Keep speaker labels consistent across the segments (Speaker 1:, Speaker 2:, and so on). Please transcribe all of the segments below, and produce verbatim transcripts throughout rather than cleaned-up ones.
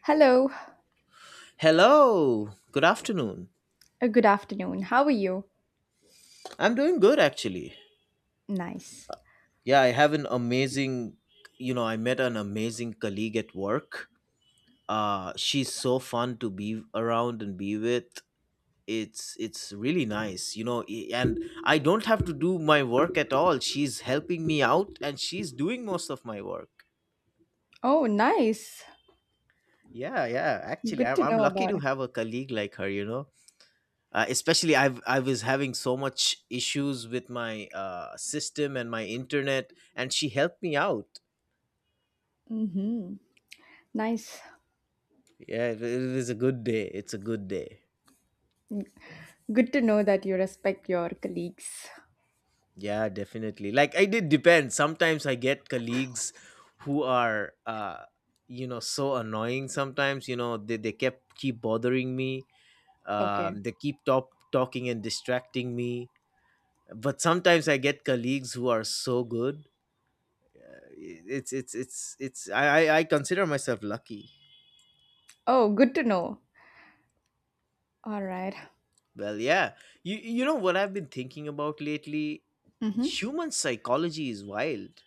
Speaker 1: Hello,
Speaker 2: Hello, good afternoon.
Speaker 1: uh, good afternoon. How are you?
Speaker 2: I'm doing good actually.
Speaker 1: Nice.
Speaker 2: Yeah, I have an amazing, you know, I met an amazing colleague at work. Uh she's so fun to be around and be with. It's it's really nice, you know, i- and I don't have to do my work at all. She's helping me out and she's doing most of my work.
Speaker 1: Oh, nice.
Speaker 2: Yeah, yeah, actually
Speaker 1: Good
Speaker 2: I'm
Speaker 1: to
Speaker 2: I'm
Speaker 1: know
Speaker 2: lucky
Speaker 1: about
Speaker 2: to
Speaker 1: it.
Speaker 2: have a colleague like her, you know. Uh, especially i've I was having so much issues with my uh, system and my internet, and she helped me out.
Speaker 1: Mm-hmm. Nice.
Speaker 2: Yeah, it, it was a good day. It's a good day.
Speaker 1: Good to know that you respect your colleagues.
Speaker 2: Yeah, definitely, like I did depend, sometimes I get colleagues who are uh, you know so annoying sometimes, you know, they, they kept keep bothering me.
Speaker 1: Okay.
Speaker 2: Um, they keep top talking and distracting me. But sometimes I get colleagues who are so good. Uh, it's it's it's it's I I I consider myself lucky.
Speaker 1: Oh, good to know. All right.
Speaker 2: Well, yeah. You you know what I've been thinking about lately?
Speaker 1: Mm-hmm.
Speaker 2: Human psychology is wild.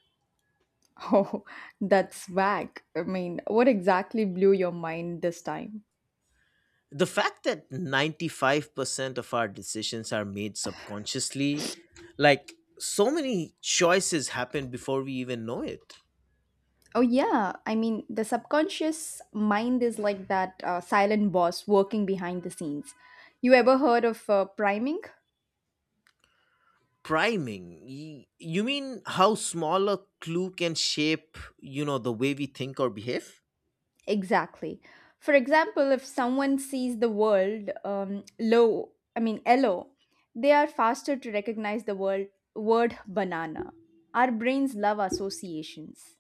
Speaker 1: Oh, that's whack. I mean, what exactly blew your mind this time?
Speaker 2: The fact that ninety-five percent of our decisions are made subconsciously, like so many choices happen before we even know it.
Speaker 1: Oh, yeah. I mean, the subconscious mind is like that uh, silent boss working behind the scenes. You ever heard of uh, priming?
Speaker 2: Priming. y- You mean how small a clue can shape, you know, the way we think or behave?
Speaker 1: Exactly. For example, if someone sees the world um, low, I mean yellow, they are faster to recognize the word word banana. Our brains love associations.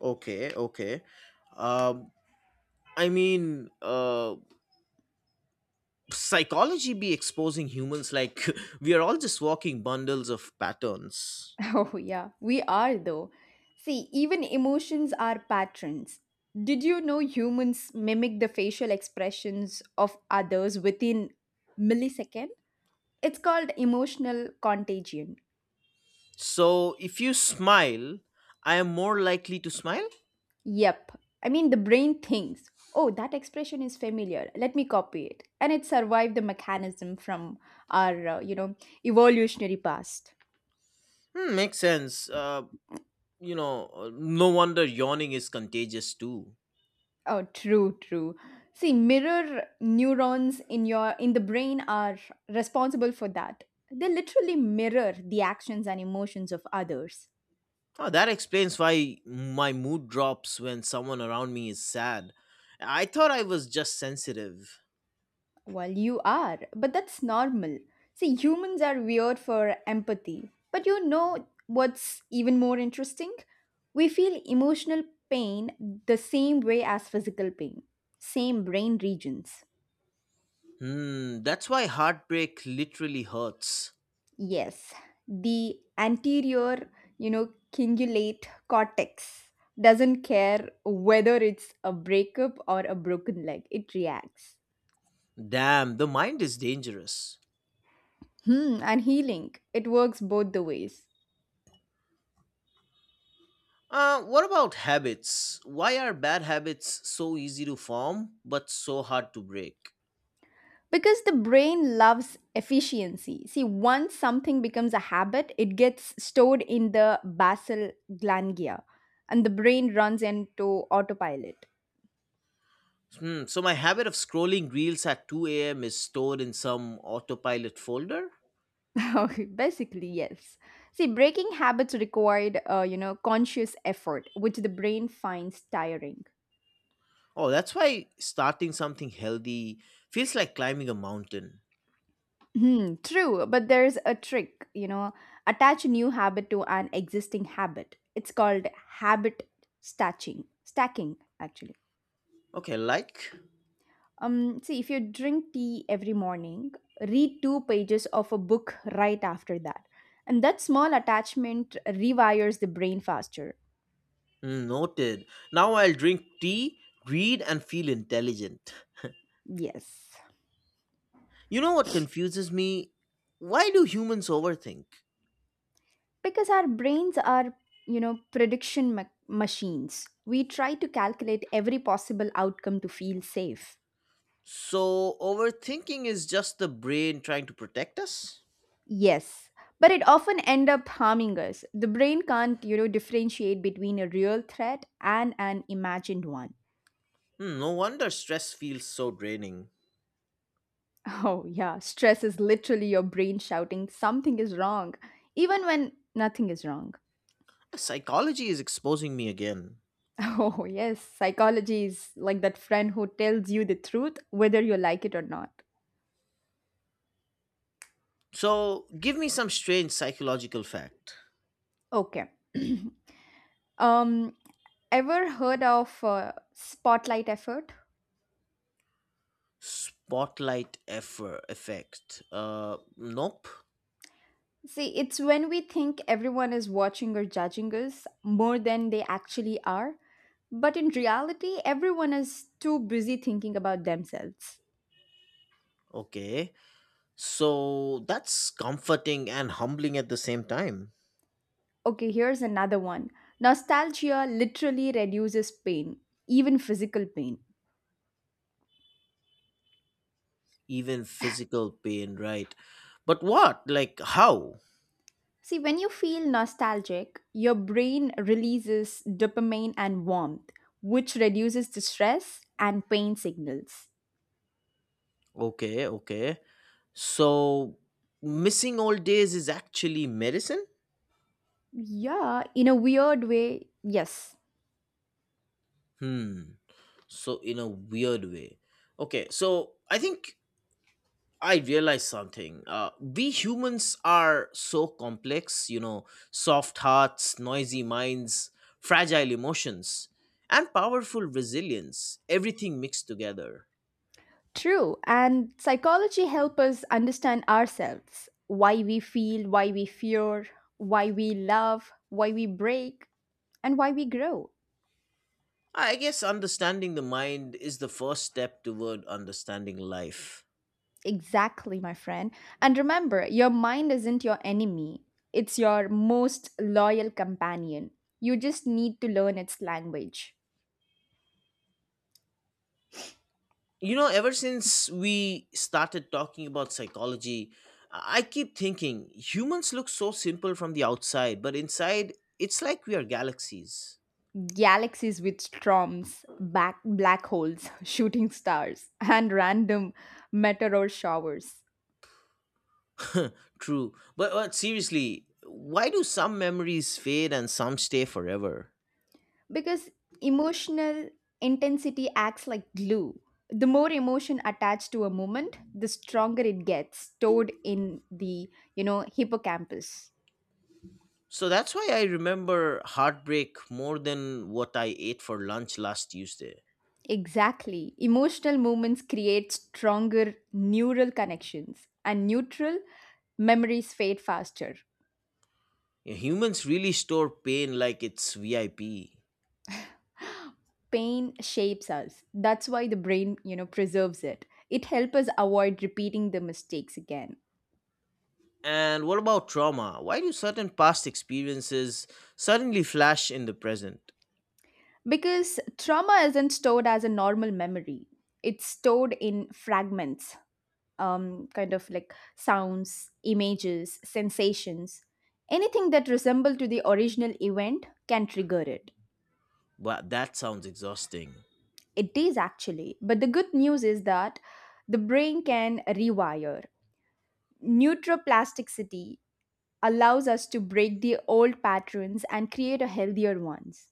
Speaker 2: Okay, okay. Um I mean, uh, Psychology be exposing humans like we are all just walking bundles of patterns.
Speaker 1: Oh yeah, we are though. See, even emotions are patterns. Did you know humans mimic the facial expressions of others within millisecond? It's called emotional contagion.
Speaker 2: So if you smile, I am more likely to smile.
Speaker 1: Yep. I mean, the brain thinks, oh, that expression is familiar. Let me copy it. And it survived the mechanism from our uh, you know, evolutionary past.
Speaker 2: Hmm, makes sense. Uh, you know, uh, no wonder yawning is contagious too.
Speaker 1: Oh, true, true. See, mirror neurons in your in the brain are responsible for that. They literally mirror the actions and emotions of others.
Speaker 2: Oh, that explains why my mood drops when someone around me is sad. I thought I was just sensitive.
Speaker 1: Well, you are, but that's normal. See, humans are weird for empathy. But you know what's even more interesting? We feel emotional pain the same way as physical pain, same brain regions.
Speaker 2: Hmm, that's why heartbreak literally hurts.
Speaker 1: Yes, the anterior, you know, cingulate cortex doesn't care whether it's a breakup or a broken leg, it reacts.
Speaker 2: Damn, the mind is dangerous.
Speaker 1: Hmm, and healing, it works both the ways.
Speaker 2: Uh, what about habits? Why are bad habits so easy to form but so hard to break?
Speaker 1: Because the brain loves efficiency. See, once something becomes a habit, it gets stored in the basal ganglia and the brain runs into autopilot.
Speaker 2: Hmm, so, my habit of scrolling reels at two a m is stored in some autopilot folder?
Speaker 1: Okay, basically, yes. See, breaking habits required, uh, you know, conscious effort, which the brain finds tiring.
Speaker 2: Oh, that's why starting something healthy feels like climbing a mountain.
Speaker 1: Hmm, true, but there's a trick, you know, attach a new habit to an existing habit. It's called habit stacking. Stacking, actually.
Speaker 2: Okay, like?
Speaker 1: Um, see, if you drink tea every morning, read two pages of a book right after that. And that small attachment rewires the brain faster.
Speaker 2: Hmm, noted. Now I'll drink tea, read, and feel intelligent.
Speaker 1: Yes.
Speaker 2: You know what confuses me? Why do humans overthink?
Speaker 1: Because our brains are, you know, prediction ma- machines. We try to calculate every possible outcome to feel safe.
Speaker 2: So, overthinking is just the brain trying to protect us?
Speaker 1: Yes. But it often end up harming us. The brain can't, you know, differentiate between a real threat and an imagined one.
Speaker 2: Hmm, no wonder stress feels so draining.
Speaker 1: Oh, yeah, stress is literally your brain shouting something is wrong, even when nothing is wrong.
Speaker 2: Psychology is exposing me again.
Speaker 1: Oh, yes, psychology is like that friend who tells you the truth whether you like it or not.
Speaker 2: So, give me some strange psychological fact.
Speaker 1: Okay. um Ever heard of uh, spotlight effort?
Speaker 2: Spotlight effort effect. Uh, nope.
Speaker 1: See, it's when we think everyone is watching or judging us more than they actually are, but in reality everyone is too busy thinking about themselves.
Speaker 2: Okay. So that's comforting and humbling at the same time.
Speaker 1: Okay, here's another one. Nostalgia literally reduces pain, even physical pain.
Speaker 2: Even physical pain, right? But what? Like how?
Speaker 1: See, when you feel nostalgic, your brain releases dopamine and warmth, which reduces the stress and pain signals.
Speaker 2: Okay. Okay. So, missing old days is actually medicine.
Speaker 1: Yeah, in a weird way, yes.
Speaker 2: Hmm. So in a weird way, okay, so I think I realized something. Uh, we humans are so complex, you know, soft hearts, noisy minds, fragile emotions, and powerful resilience, everything mixed together.
Speaker 1: True. And psychology helps us understand ourselves, why we feel, why we fear, why we love, why we break, and why we grow.
Speaker 2: I guess understanding the mind is the first step toward understanding life.
Speaker 1: Exactly, my friend. And remember, your mind isn't your enemy, it's your most loyal companion. You just need to learn its language.
Speaker 2: You know, ever since we started talking about psychology, I keep thinking humans look so simple from the outside, but inside, it's like we are galaxies.
Speaker 1: Galaxies with storms, back black holes, shooting stars, and random meteor showers.
Speaker 2: True. But, but seriously, why do some memories fade and some stay forever?
Speaker 1: Because emotional intensity acts like glue. The more emotion attached to a moment, the stronger it gets stored in the, you know, hippocampus.
Speaker 2: So that's why I remember heartbreak more than what I ate for lunch last Tuesday.
Speaker 1: Exactly. Emotional moments create stronger neural connections, and neutral memories fade faster.
Speaker 2: Humans really store pain like it's V I P.
Speaker 1: Pain shapes us. That's why the brain, you know, preserves it. It helps us avoid repeating the mistakes again.
Speaker 2: And what about trauma? Why do certain past experiences suddenly flash in the present?
Speaker 1: Because trauma isn't stored as a normal memory. It's stored in fragments, um, kind of like sounds, images, sensations. Anything that resembles to the original event can trigger it.
Speaker 2: Wow, that sounds exhausting.
Speaker 1: It is actually, but the good news is that the brain can rewire. Neuroplasticity allows us to break the old patterns and create a healthier ones.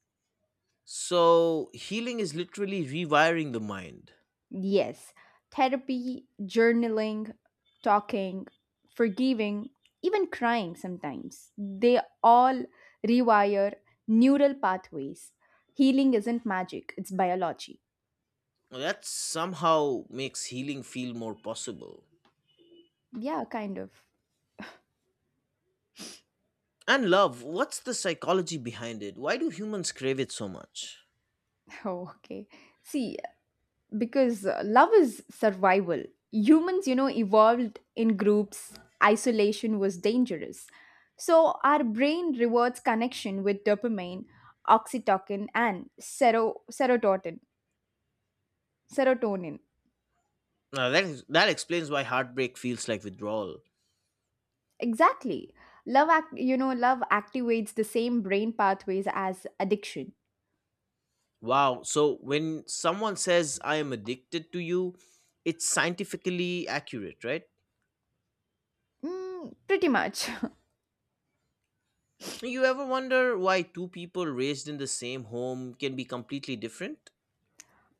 Speaker 2: So, healing is literally rewiring the mind.
Speaker 1: Yes, therapy, journaling, talking, forgiving, even crying sometimes. They all rewire neural pathways. Healing isn't magic, it's biology.
Speaker 2: That somehow makes healing feel more possible.
Speaker 1: Yeah, kind of.
Speaker 2: And love, what's the psychology behind it? Why do humans crave it so much?
Speaker 1: Oh, okay. See, because uh, love is survival. Humans, you know, evolved in groups, isolation was dangerous. So, our brain rewards connection with dopamine, oxytocin, and sero- serotonin. Serotonin.
Speaker 2: Now, that, is, that explains why heartbreak feels like withdrawal.
Speaker 1: Exactly. Love, act- you know, love activates the same brain pathways as addiction.
Speaker 2: Wow, so when someone says, I am addicted to you, it's scientifically accurate, right?
Speaker 1: Mm, pretty much.
Speaker 2: You ever wonder why two people raised in the same home can be completely different?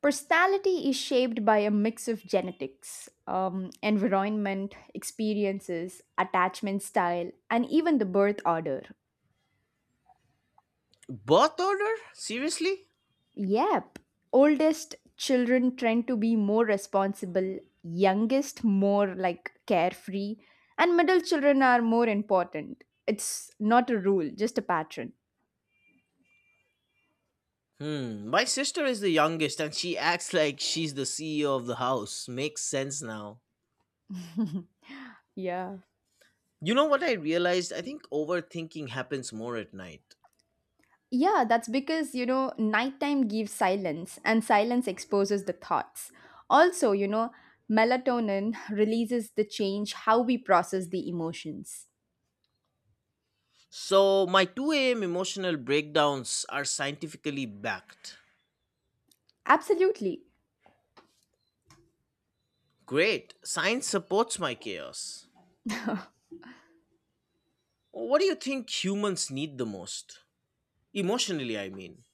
Speaker 1: Personality is shaped by a mix of genetics, um, environment, experiences, attachment style, and even the birth order.
Speaker 2: Birth order? Seriously?
Speaker 1: Yep, oldest children tend to be more responsible, youngest more like carefree, and middle children are more important. It's not a rule, just a pattern.
Speaker 2: Hmm, my sister is the youngest and she acts like she's the C E O of the house. Makes sense now.
Speaker 1: Yeah.
Speaker 2: You know what I realized? I think overthinking happens more at night.
Speaker 1: Yeah, that's because, you know, nighttime gives silence and silence exposes the thoughts. Also, you know, melatonin releases the change how we process the emotions.
Speaker 2: So, my two a m emotional breakdowns are scientifically backed.
Speaker 1: Absolutely.
Speaker 2: Great, science supports my chaos. What do you think humans need the most? Emotionally, I mean.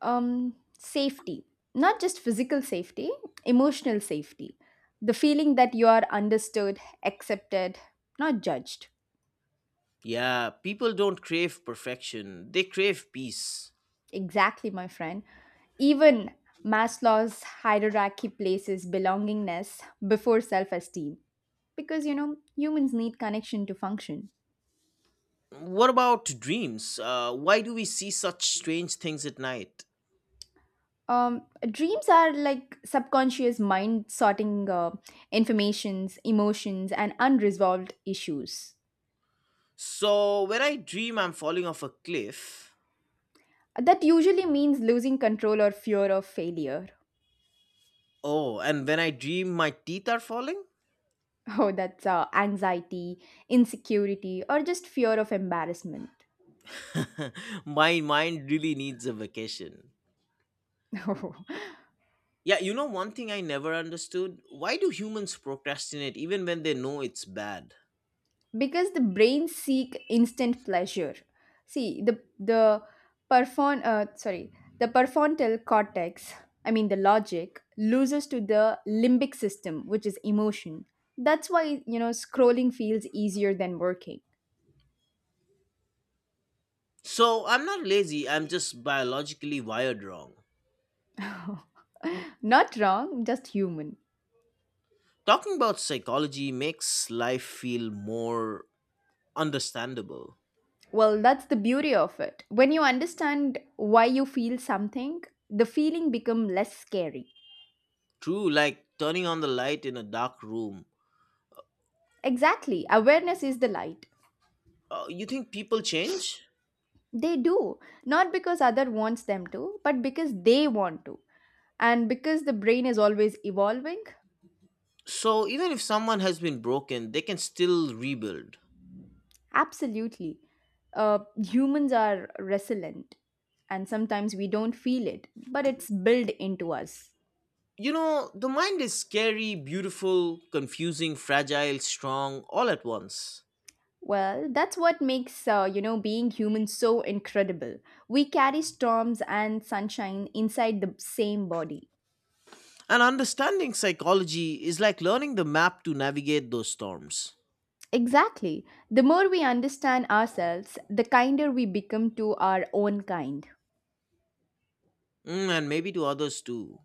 Speaker 1: Um safety. Not just physical safety, emotional safety. The feeling that you are understood, accepted, not judged.
Speaker 2: Yeah, people don't crave perfection, they crave peace.
Speaker 1: Exactly, my friend. Even Maslow's hierarchy places belongingness before self esteem because you know humans need connection to function.
Speaker 2: What about dreams? Uh, why do we see such strange things at night?
Speaker 1: Um, dreams are like subconscious mind sorting uh, informations, emotions, and unresolved issues.
Speaker 2: So, when I dream, I'm falling off a cliff.
Speaker 1: That usually means losing control or fear of failure.
Speaker 2: Oh, and when I dream, my teeth are falling?
Speaker 1: Oh, that's uh, anxiety, insecurity, or just fear of embarrassment.
Speaker 2: My mind really needs a vacation. Yeah, you know, one thing I never understood, why do humans procrastinate even when they know it's bad?
Speaker 1: Because the brain seek instant pleasure. See, the the perfon uh, sorry the prefrontal cortex. I mean, the logic loses to the limbic system, which is emotion. That's why, you know, scrolling feels easier than working.
Speaker 2: So, I'm not lazy, I'm just biologically wired wrong.
Speaker 1: Not wrong, just human.
Speaker 2: Talking about psychology makes life feel more understandable.
Speaker 1: Well, that's the beauty of it. When you understand why you feel something, the feeling become less scary.
Speaker 2: True, like turning on the light in a dark room.
Speaker 1: Exactly, awareness is the light.
Speaker 2: Uh, you think people change?
Speaker 1: They do, not because other wants them to, but because they want to. And because the brain is always evolving,
Speaker 2: So, even if someone has been broken, they can still rebuild.
Speaker 1: absolutely. Uh, humans are resilient, and sometimes we don't feel it, but it's built into us.
Speaker 2: You know, the mind is scary, beautiful, confusing, fragile, strong, all at once.
Speaker 1: Well, that's what makes, uh, you know, being human so incredible. We carry storms and sunshine inside the same body.
Speaker 2: And understanding psychology is like learning the map to navigate those storms.
Speaker 1: Exactly. The more we understand ourselves, the kinder we become to our own kind.
Speaker 2: Mm, and maybe to others too.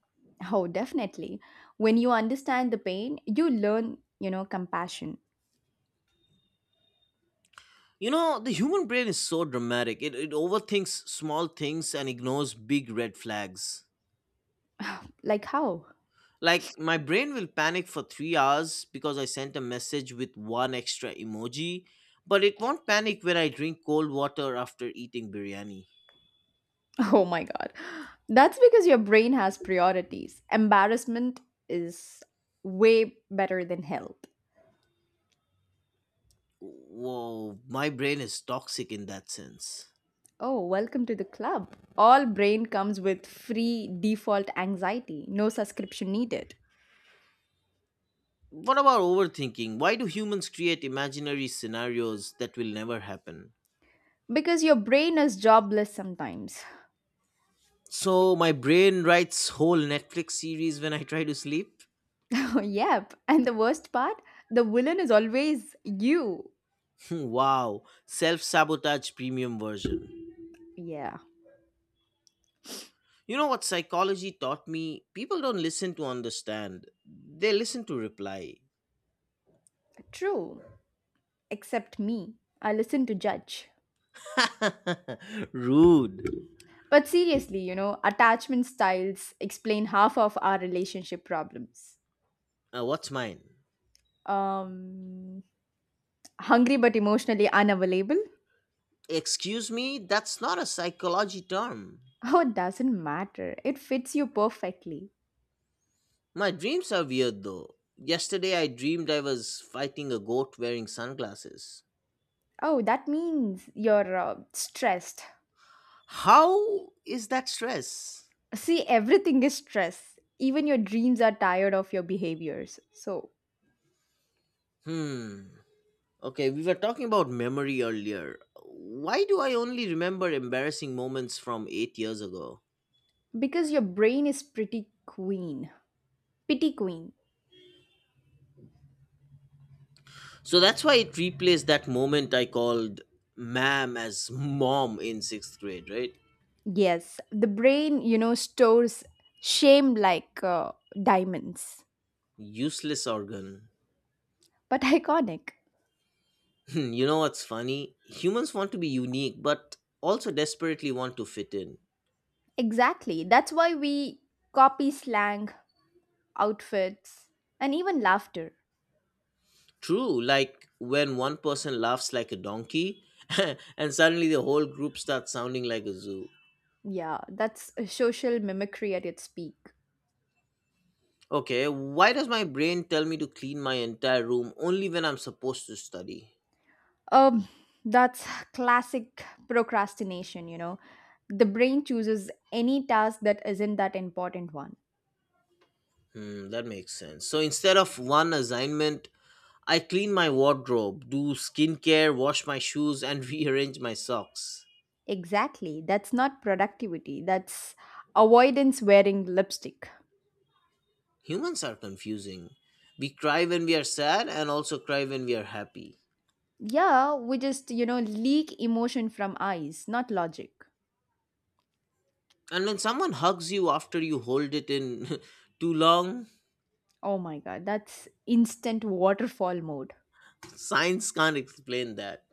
Speaker 1: Oh, definitely. When you understand the pain, you learn, you know, compassion.
Speaker 2: You know, the human brain is so dramatic. It, it overthinks small things and ignores big red flags.
Speaker 1: Like how?
Speaker 2: Like, my brain will panic for three hours because I sent a message with one extra emoji, but it won't panic when I drink cold water after eating biryani.
Speaker 1: Oh my God. That's because your brain has priorities. Embarrassment is way better than help.
Speaker 2: Whoa, my brain is toxic in that sense.
Speaker 1: Oh, welcome to the club. All brain comes with free default anxiety, no subscription needed.
Speaker 2: What about overthinking? Why do humans create imaginary scenarios that will never happen?
Speaker 1: Because your brain is jobless sometimes.
Speaker 2: So, my brain writes whole Netflix series when I try to sleep?
Speaker 1: Yep. And the worst part, the villain is always you.
Speaker 2: Hmm, wow, self sabotage premium version.
Speaker 1: Yeah,
Speaker 2: You know what psychology taught me? People don't listen to understand, they listen to reply.
Speaker 1: true. Except me. I listen to judge.
Speaker 2: Rude.
Speaker 1: But seriously, you know, attachment styles explain half of our relationship problems.
Speaker 2: Uh, what's mine?
Speaker 1: Um, Hungry but emotionally unavailable?
Speaker 2: Excuse me, that's not a psychology term.
Speaker 1: Oh, it doesn't matter. It fits you perfectly.
Speaker 2: My dreams are weird though. Yesterday I dreamed I was fighting a goat wearing sunglasses.
Speaker 1: Oh, that means you're uh, stressed.
Speaker 2: How is that stress?
Speaker 1: See, everything is stress. Even your dreams are tired of your behaviors. So,
Speaker 2: Hmm. Okay, we were talking about memory earlier. Why do I only remember embarrassing moments from eight years ago?
Speaker 1: because your brain is pretty queen, pity queen.
Speaker 2: So that's why it replaced that moment I called ma'am as mom in sixth grade, right?
Speaker 1: Yes, the brain, you know, stores shame like uh, diamonds.
Speaker 2: Useless organ.
Speaker 1: But iconic.
Speaker 2: You know what's funny? Humans want to be unique, but also desperately want to fit in.
Speaker 1: Exactly. That's why we copy slang, outfits, and even laughter.
Speaker 2: True, like when one person laughs like a donkey, and suddenly the whole group starts sounding like a zoo.
Speaker 1: Yeah, that's a social mimicry at its peak.
Speaker 2: Okay, why does my brain tell me to clean my entire room only when I'm supposed to study?
Speaker 1: Um, that's classic procrastination, you know. The brain chooses any task that isn't that important one.
Speaker 2: Hmm, that makes sense. So instead of one assignment, I clean my wardrobe, do skincare, wash my shoes, and rearrange my socks.
Speaker 1: Exactly. That's not productivity. That's avoidance wearing lipstick.
Speaker 2: Humans are confusing. We cry when we are sad and also cry when we are happy.
Speaker 1: Yeah, we just, you know, leak emotion from eyes, not logic.
Speaker 2: And when someone hugs you after you hold it in too long,
Speaker 1: Oh my God, that's instant waterfall mode.
Speaker 2: science can't explain that.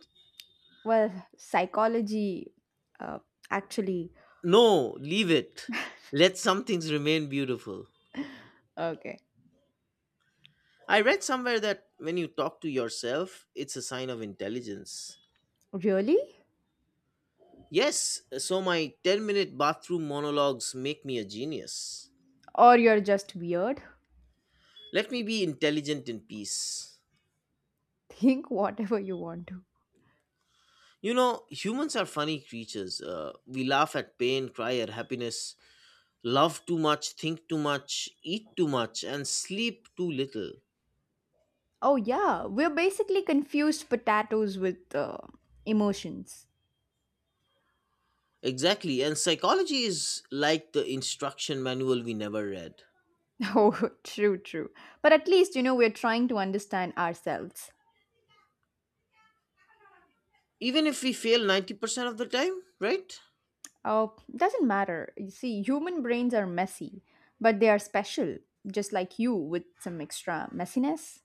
Speaker 1: Well, psychology, uh, actually,
Speaker 2: No, leave it. Let some things remain beautiful.
Speaker 1: okay.
Speaker 2: I read somewhere that when you talk to yourself, it's a sign of intelligence.
Speaker 1: Really?
Speaker 2: Yes, so my ten minute bathroom monologues make me a genius.
Speaker 1: Or you're just weird?
Speaker 2: Let me be intelligent in peace.
Speaker 1: Think whatever you want to.
Speaker 2: You know, humans are funny creatures. Uh, we laugh at pain, cry at happiness, love too much, think too much, eat too much, and sleep too little.
Speaker 1: Oh yeah, we're basically confused potatoes with uh, emotions.
Speaker 2: Exactly, and psychology is like the instruction manual we never read.
Speaker 1: Oh, true, true. But at least, you know, we're trying to understand ourselves.
Speaker 2: Even if we fail ninety percent of the time, right?
Speaker 1: Oh, doesn't matter. You see, human brains are messy, but they are special, just like you with some extra messiness.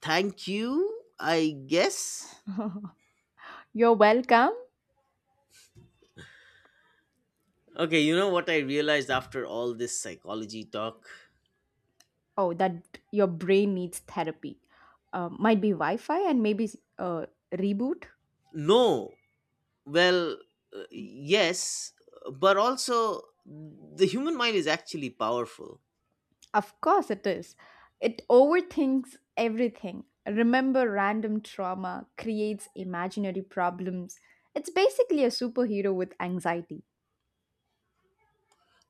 Speaker 2: Thank you, I guess.
Speaker 1: You're welcome.
Speaker 2: Okay, you know what I realized after all this psychology talk?
Speaker 1: Oh, that your brain needs therapy. Uh, might be Wi Fi and maybe uh, reboot.
Speaker 2: No. Well, uh, yes, but also the human mind is actually powerful.
Speaker 1: Of course, it is. It overthinks everything. Remember random trauma, creates imaginary problems. It's basically a superhero with anxiety.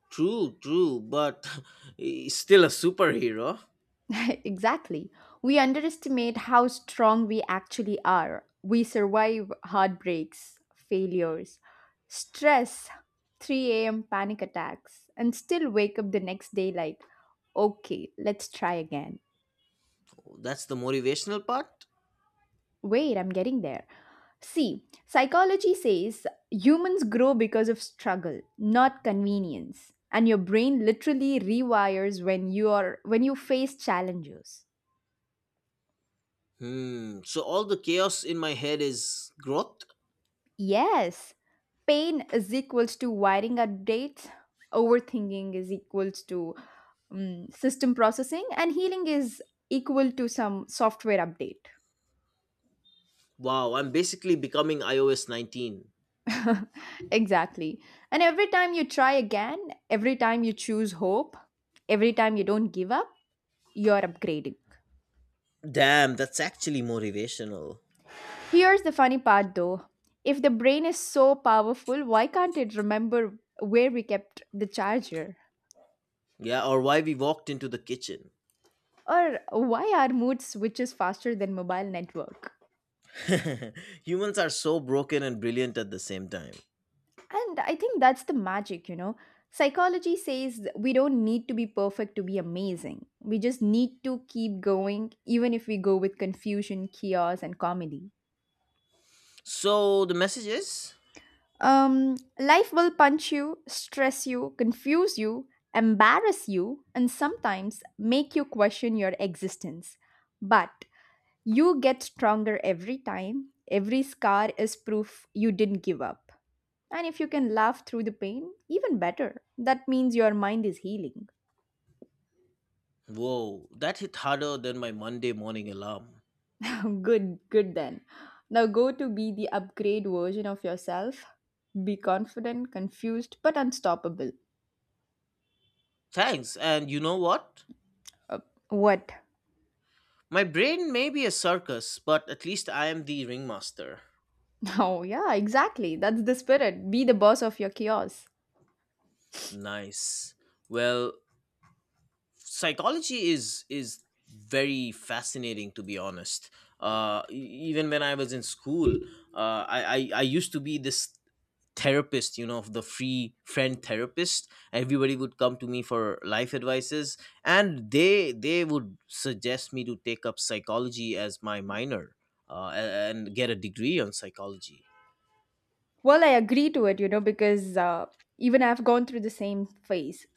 Speaker 2: True, true, but he's still a superhero.
Speaker 1: Exactly. We underestimate how strong we actually are. We survive heartbreaks, failures, stress, three a m panic attacks, and still wake up the next day like, okay, let's try again.
Speaker 2: That's the motivational part.
Speaker 1: Wait, I'm getting there. See, psychology says humans grow because of struggle, not convenience. And your brain literally rewires when you are when you face challenges.
Speaker 2: Hmm. So all the chaos in my head is growth.
Speaker 1: Yes, pain is equals to wiring updates, overthinking is equals to um, system processing, and healing is equal to some software update.
Speaker 2: Wow, I'm basically becoming iOS nineteen.
Speaker 1: Exactly. And every time you try again, every time you choose hope, every time you don't give up, you're upgrading.
Speaker 2: Damn, that's actually motivational.
Speaker 1: Here's the funny part though, if the brain is so powerful, why can't it remember where we kept the charger?
Speaker 2: Yeah, or why we walked into the kitchen.
Speaker 1: Or why our mood switches faster than mobile network.
Speaker 2: Humans are so broken and brilliant at the same time.
Speaker 1: And I think that's the magic, you know psychology says we don't need to be perfect to be amazing. We just need to keep going, even if we go with confusion, chaos, and comedy.
Speaker 2: So the message is,
Speaker 1: Um life will punch you, stress you, confuse you, embarrass you, and sometimes make you question your existence. But you get stronger every time. Every scar is proof you didn't give up. And if you can laugh through the pain, even better. That means your mind is healing.
Speaker 2: whoa, that hit harder than my Monday morning alarm.
Speaker 1: Good, good then. Now go to be the upgrade version of yourself. Be confident, confused, but unstoppable.
Speaker 2: Thanks, and you know what?
Speaker 1: Uh, what?
Speaker 2: My brain may be a circus, but at least I am the ringmaster.
Speaker 1: Oh, yeah, exactly. That's the spirit. Be the boss of your chaos.
Speaker 2: Nice. Well, psychology is is very fascinating, to be honest. Uh e- even when I was in school, uh i i, I used to be this therapist, you know, of the free friend therapist, everybody would come to me for life advices, and they they would suggest me to take up psychology as my minor, uh, a- and get a degree on psychology.
Speaker 1: Well, I agree to it, you know, because uh, even I've gone through the same phase.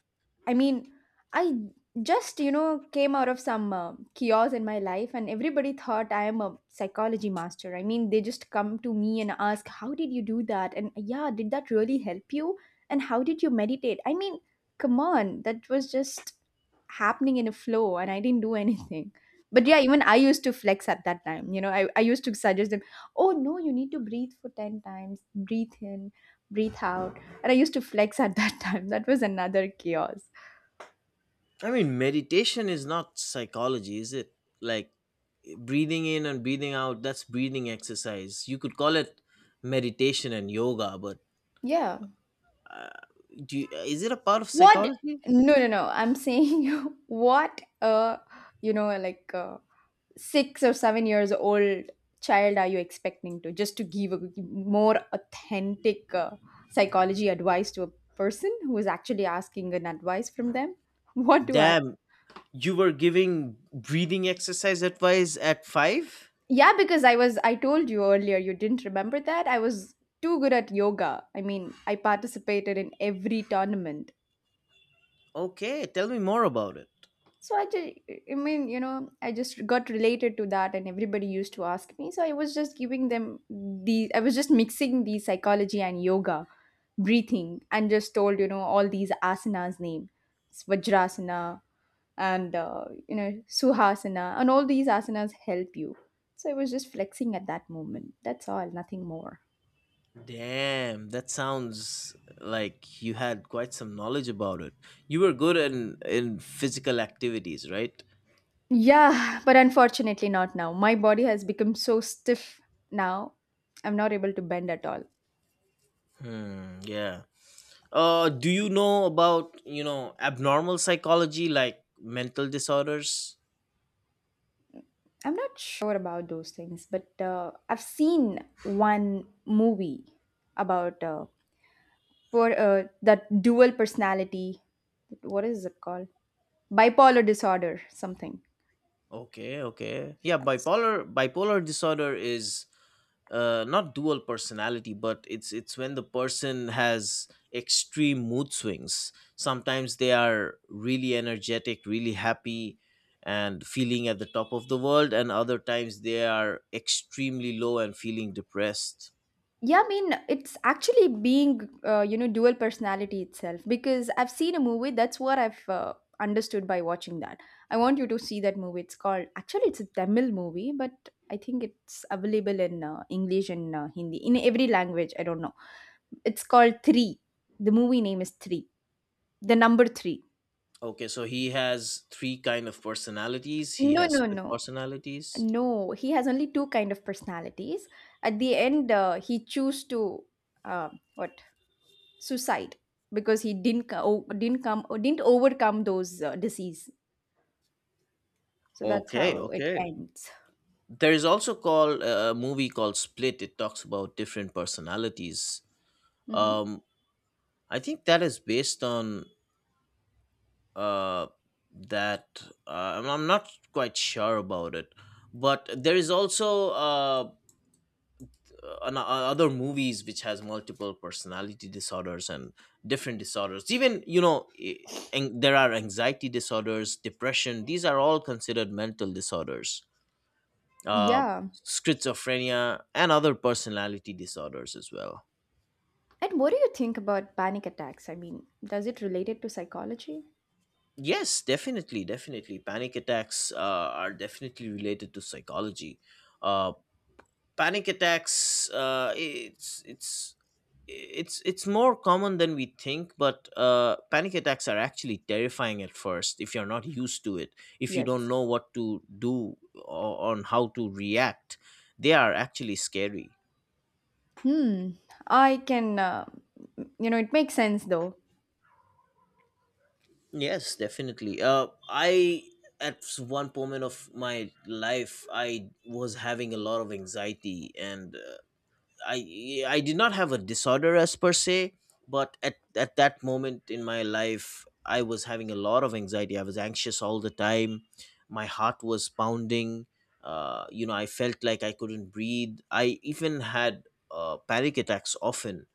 Speaker 1: I mean, I just, you know, came out of some uh, chaos in my life, and everybody thought I am a psychology master. I mean, they just come to me and ask, how did you do that? And yeah, did that really help you? And how did you meditate? I mean, come on, that was just happening in a flow, and I didn't do anything. But yeah, even I used to flex at that time. You know, I, I used to suggest them, oh no, you need to breathe for ten times. Breathe in, breathe out. And I used to flex at that time. That was another chaos.
Speaker 2: I mean, meditation is not psychology, is it? Like, breathing in and breathing out, that's breathing exercise, you could call it meditation and yoga, but
Speaker 1: Yeah.
Speaker 2: uh, do you, is it a part of
Speaker 1: What?
Speaker 2: psychology?
Speaker 1: No, no, no, I'm saying what a, you know like a six or seven years old child, are you expecting to just to give a more authentic uh, psychology advice to a person who is actually asking an advice from them? What do I?
Speaker 2: Damn, you were giving breathing exercise advice at five.
Speaker 1: Yeah, because I was, I told you earlier, you didn't remember that. I was too good at yoga. I mean, I participated in every tournament.
Speaker 2: Okay, tell me more about it.
Speaker 1: So I just, I mean, you know, I just got related to that, and everybody used to ask me. So I was just giving them the, I was just mixing the psychology and yoga, breathing, and just told you know all these asanas name. It's Vajrasana, and uh, you know Suhasana, and all these asanas help you. So I was just flexing at that moment. That's all, nothing more.
Speaker 2: Damn, that sounds like you had quite some knowledge about it. You were good in in physical activities, right?
Speaker 1: Yeah, but unfortunately not now. My body has become so stiff now. I'm not able to bend at all.
Speaker 2: Hmm, yeah. Uh, do you know about, you know, abnormal psychology, like mental disorders?
Speaker 1: I'm not sure about those things, but uh, I've seen one movie about uh, per, uh, that dual personality. What is it called? Bipolar disorder, something.
Speaker 2: Okay, okay, yeah. Bipolar bipolar disorder is uh not dual personality, but it's it's when the person has extreme mood swings. Sometimes they are really energetic, really happy, and feeling at the top of the world, and other times they are extremely low and feeling depressed.
Speaker 1: Yeah, I mean, it's actually being, uh, you know, dual personality itself because I've seen a movie. That's what I've uh, understood by watching that. I want you to see that movie. It's called, actually, it's a Tamil movie, but I think it's available in uh, English and uh, Hindi, in every language. I don't know. It's called three. The movie name is three. The number three.
Speaker 2: Okay, so he has three kind of personalities. He
Speaker 1: No,
Speaker 2: has
Speaker 1: no,
Speaker 2: split
Speaker 1: no.
Speaker 2: personalities.
Speaker 1: No, he has only two kind of personalities. At the end, uh, he chose to, uh, what suicide, because he didn't co- o- didn't come or didn't overcome those uh, disease. So that's
Speaker 2: Okay,
Speaker 1: how it
Speaker 2: okay.
Speaker 1: ends.
Speaker 2: There is also called uh, a movie called Split. It talks about different personalities.
Speaker 1: Hmm.
Speaker 2: Um, I think that is based on uh, that. Uh, I'm I'm not quite sure about it, but there is also uh, uh, an- uh, other movies which has multiple personality disorders and different disorders. Even, you know, i- an- there are anxiety disorders, depression, these are all considered mental disorders, uh,
Speaker 1: Yeah.
Speaker 2: schizophrenia and other personality disorders as well.
Speaker 1: And what do you think about panic attacks? I mean, does it related to psychology?
Speaker 2: Yes, definitely, definitely panic attacks uh, are definitely related to psychology. uh, Panic attacks, uh, it's it's it's it's more common than we think, but uh, panic attacks are actually terrifying at first if you're not used to it, if you don't
Speaker 1: Yes.
Speaker 2: know what to do or on how to react. They are actually scary.
Speaker 1: Hmm. I can. Uh, you know, it makes sense though.
Speaker 2: Yes, definitely. Uh, I at s- One moment of my life I was having a lot of anxiety, and I I did not have a disorder as per se, but at at that moment in my life, I was having a lot of anxiety. I was anxious all the time. My heart was pounding. Uh, you know, I felt like I couldn't breathe. I even had uh, panic attacks often.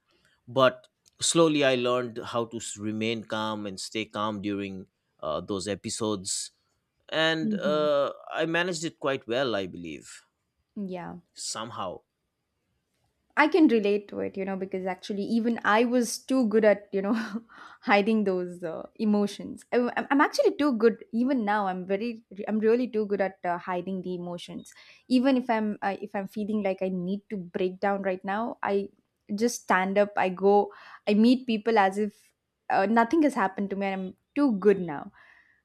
Speaker 2: But slowly, I learned how to s- remain calm and stay calm during uh, those episodes, and
Speaker 1: Hmm.
Speaker 2: uh, I managed it quite well, I believe,
Speaker 1: Yeah.
Speaker 2: somehow.
Speaker 1: I can relate to it, you know, because actually, even I was too good at, you know, hiding those uh, emotions. I, am I'm actually too good, even now. I'm very, I'm really too good at uh, hiding the emotions. Even if I'm, uh, if I'm feeling like I need to break down right now, I just stand up. I go, I meet people as if uh, nothing has happened to me, and I'm too good now.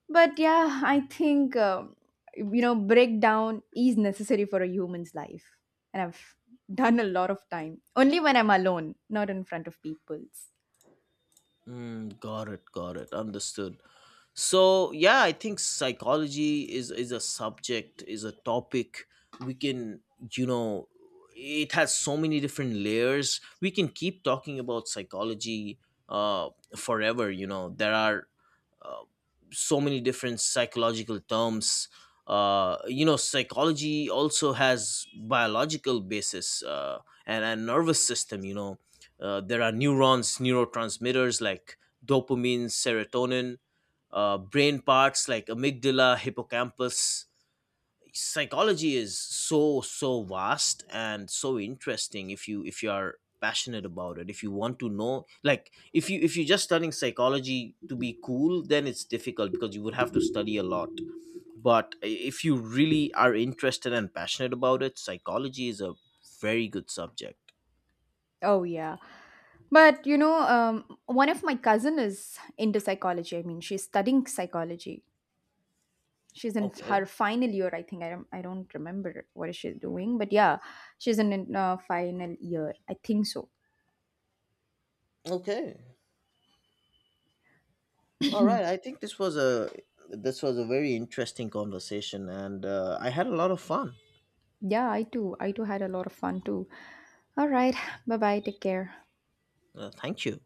Speaker 1: But yeah, I think um, you know breakdown is necessary for a human's life, and I've done a lot of time only when I'm alone, not in front of people's.
Speaker 2: Mm, got it, got it. Understood. So yeah, I think psychology is is a subject, is a topic we can, you know, it has so many different layers. We can keep talking about psychology uh forever. You know, there are uh, so many different psychological terms. Uh you know, psychology also has biological basis, uh and and nervous system, you know, uh, there are neurons, neurotransmitters like dopamine, serotonin, uh, brain parts like amygdala, hippocampus. Psychology is so so vast and so interesting, if you, if you are passionate about it, if you want to know, like, if you, if you're just studying psychology to be cool, then it's difficult because you would have to study a lot. But if you really are interested and passionate about it, psychology is a very good subject.
Speaker 1: Oh yeah, but you know, um, one of my cousin is into psychology. I mean, she's studying psychology. She's in
Speaker 2: Okay,
Speaker 1: her final year, I think. I don't, I don't remember what she's doing, but yeah, she's in, in uh, final year. I think so.
Speaker 2: okay. All right, I think this was a, this was a very interesting conversation, and uh, I had a lot of fun.
Speaker 1: Yeah, I too. I too had a lot of fun too. All right. Bye bye. Take care.
Speaker 2: Uh, thank you.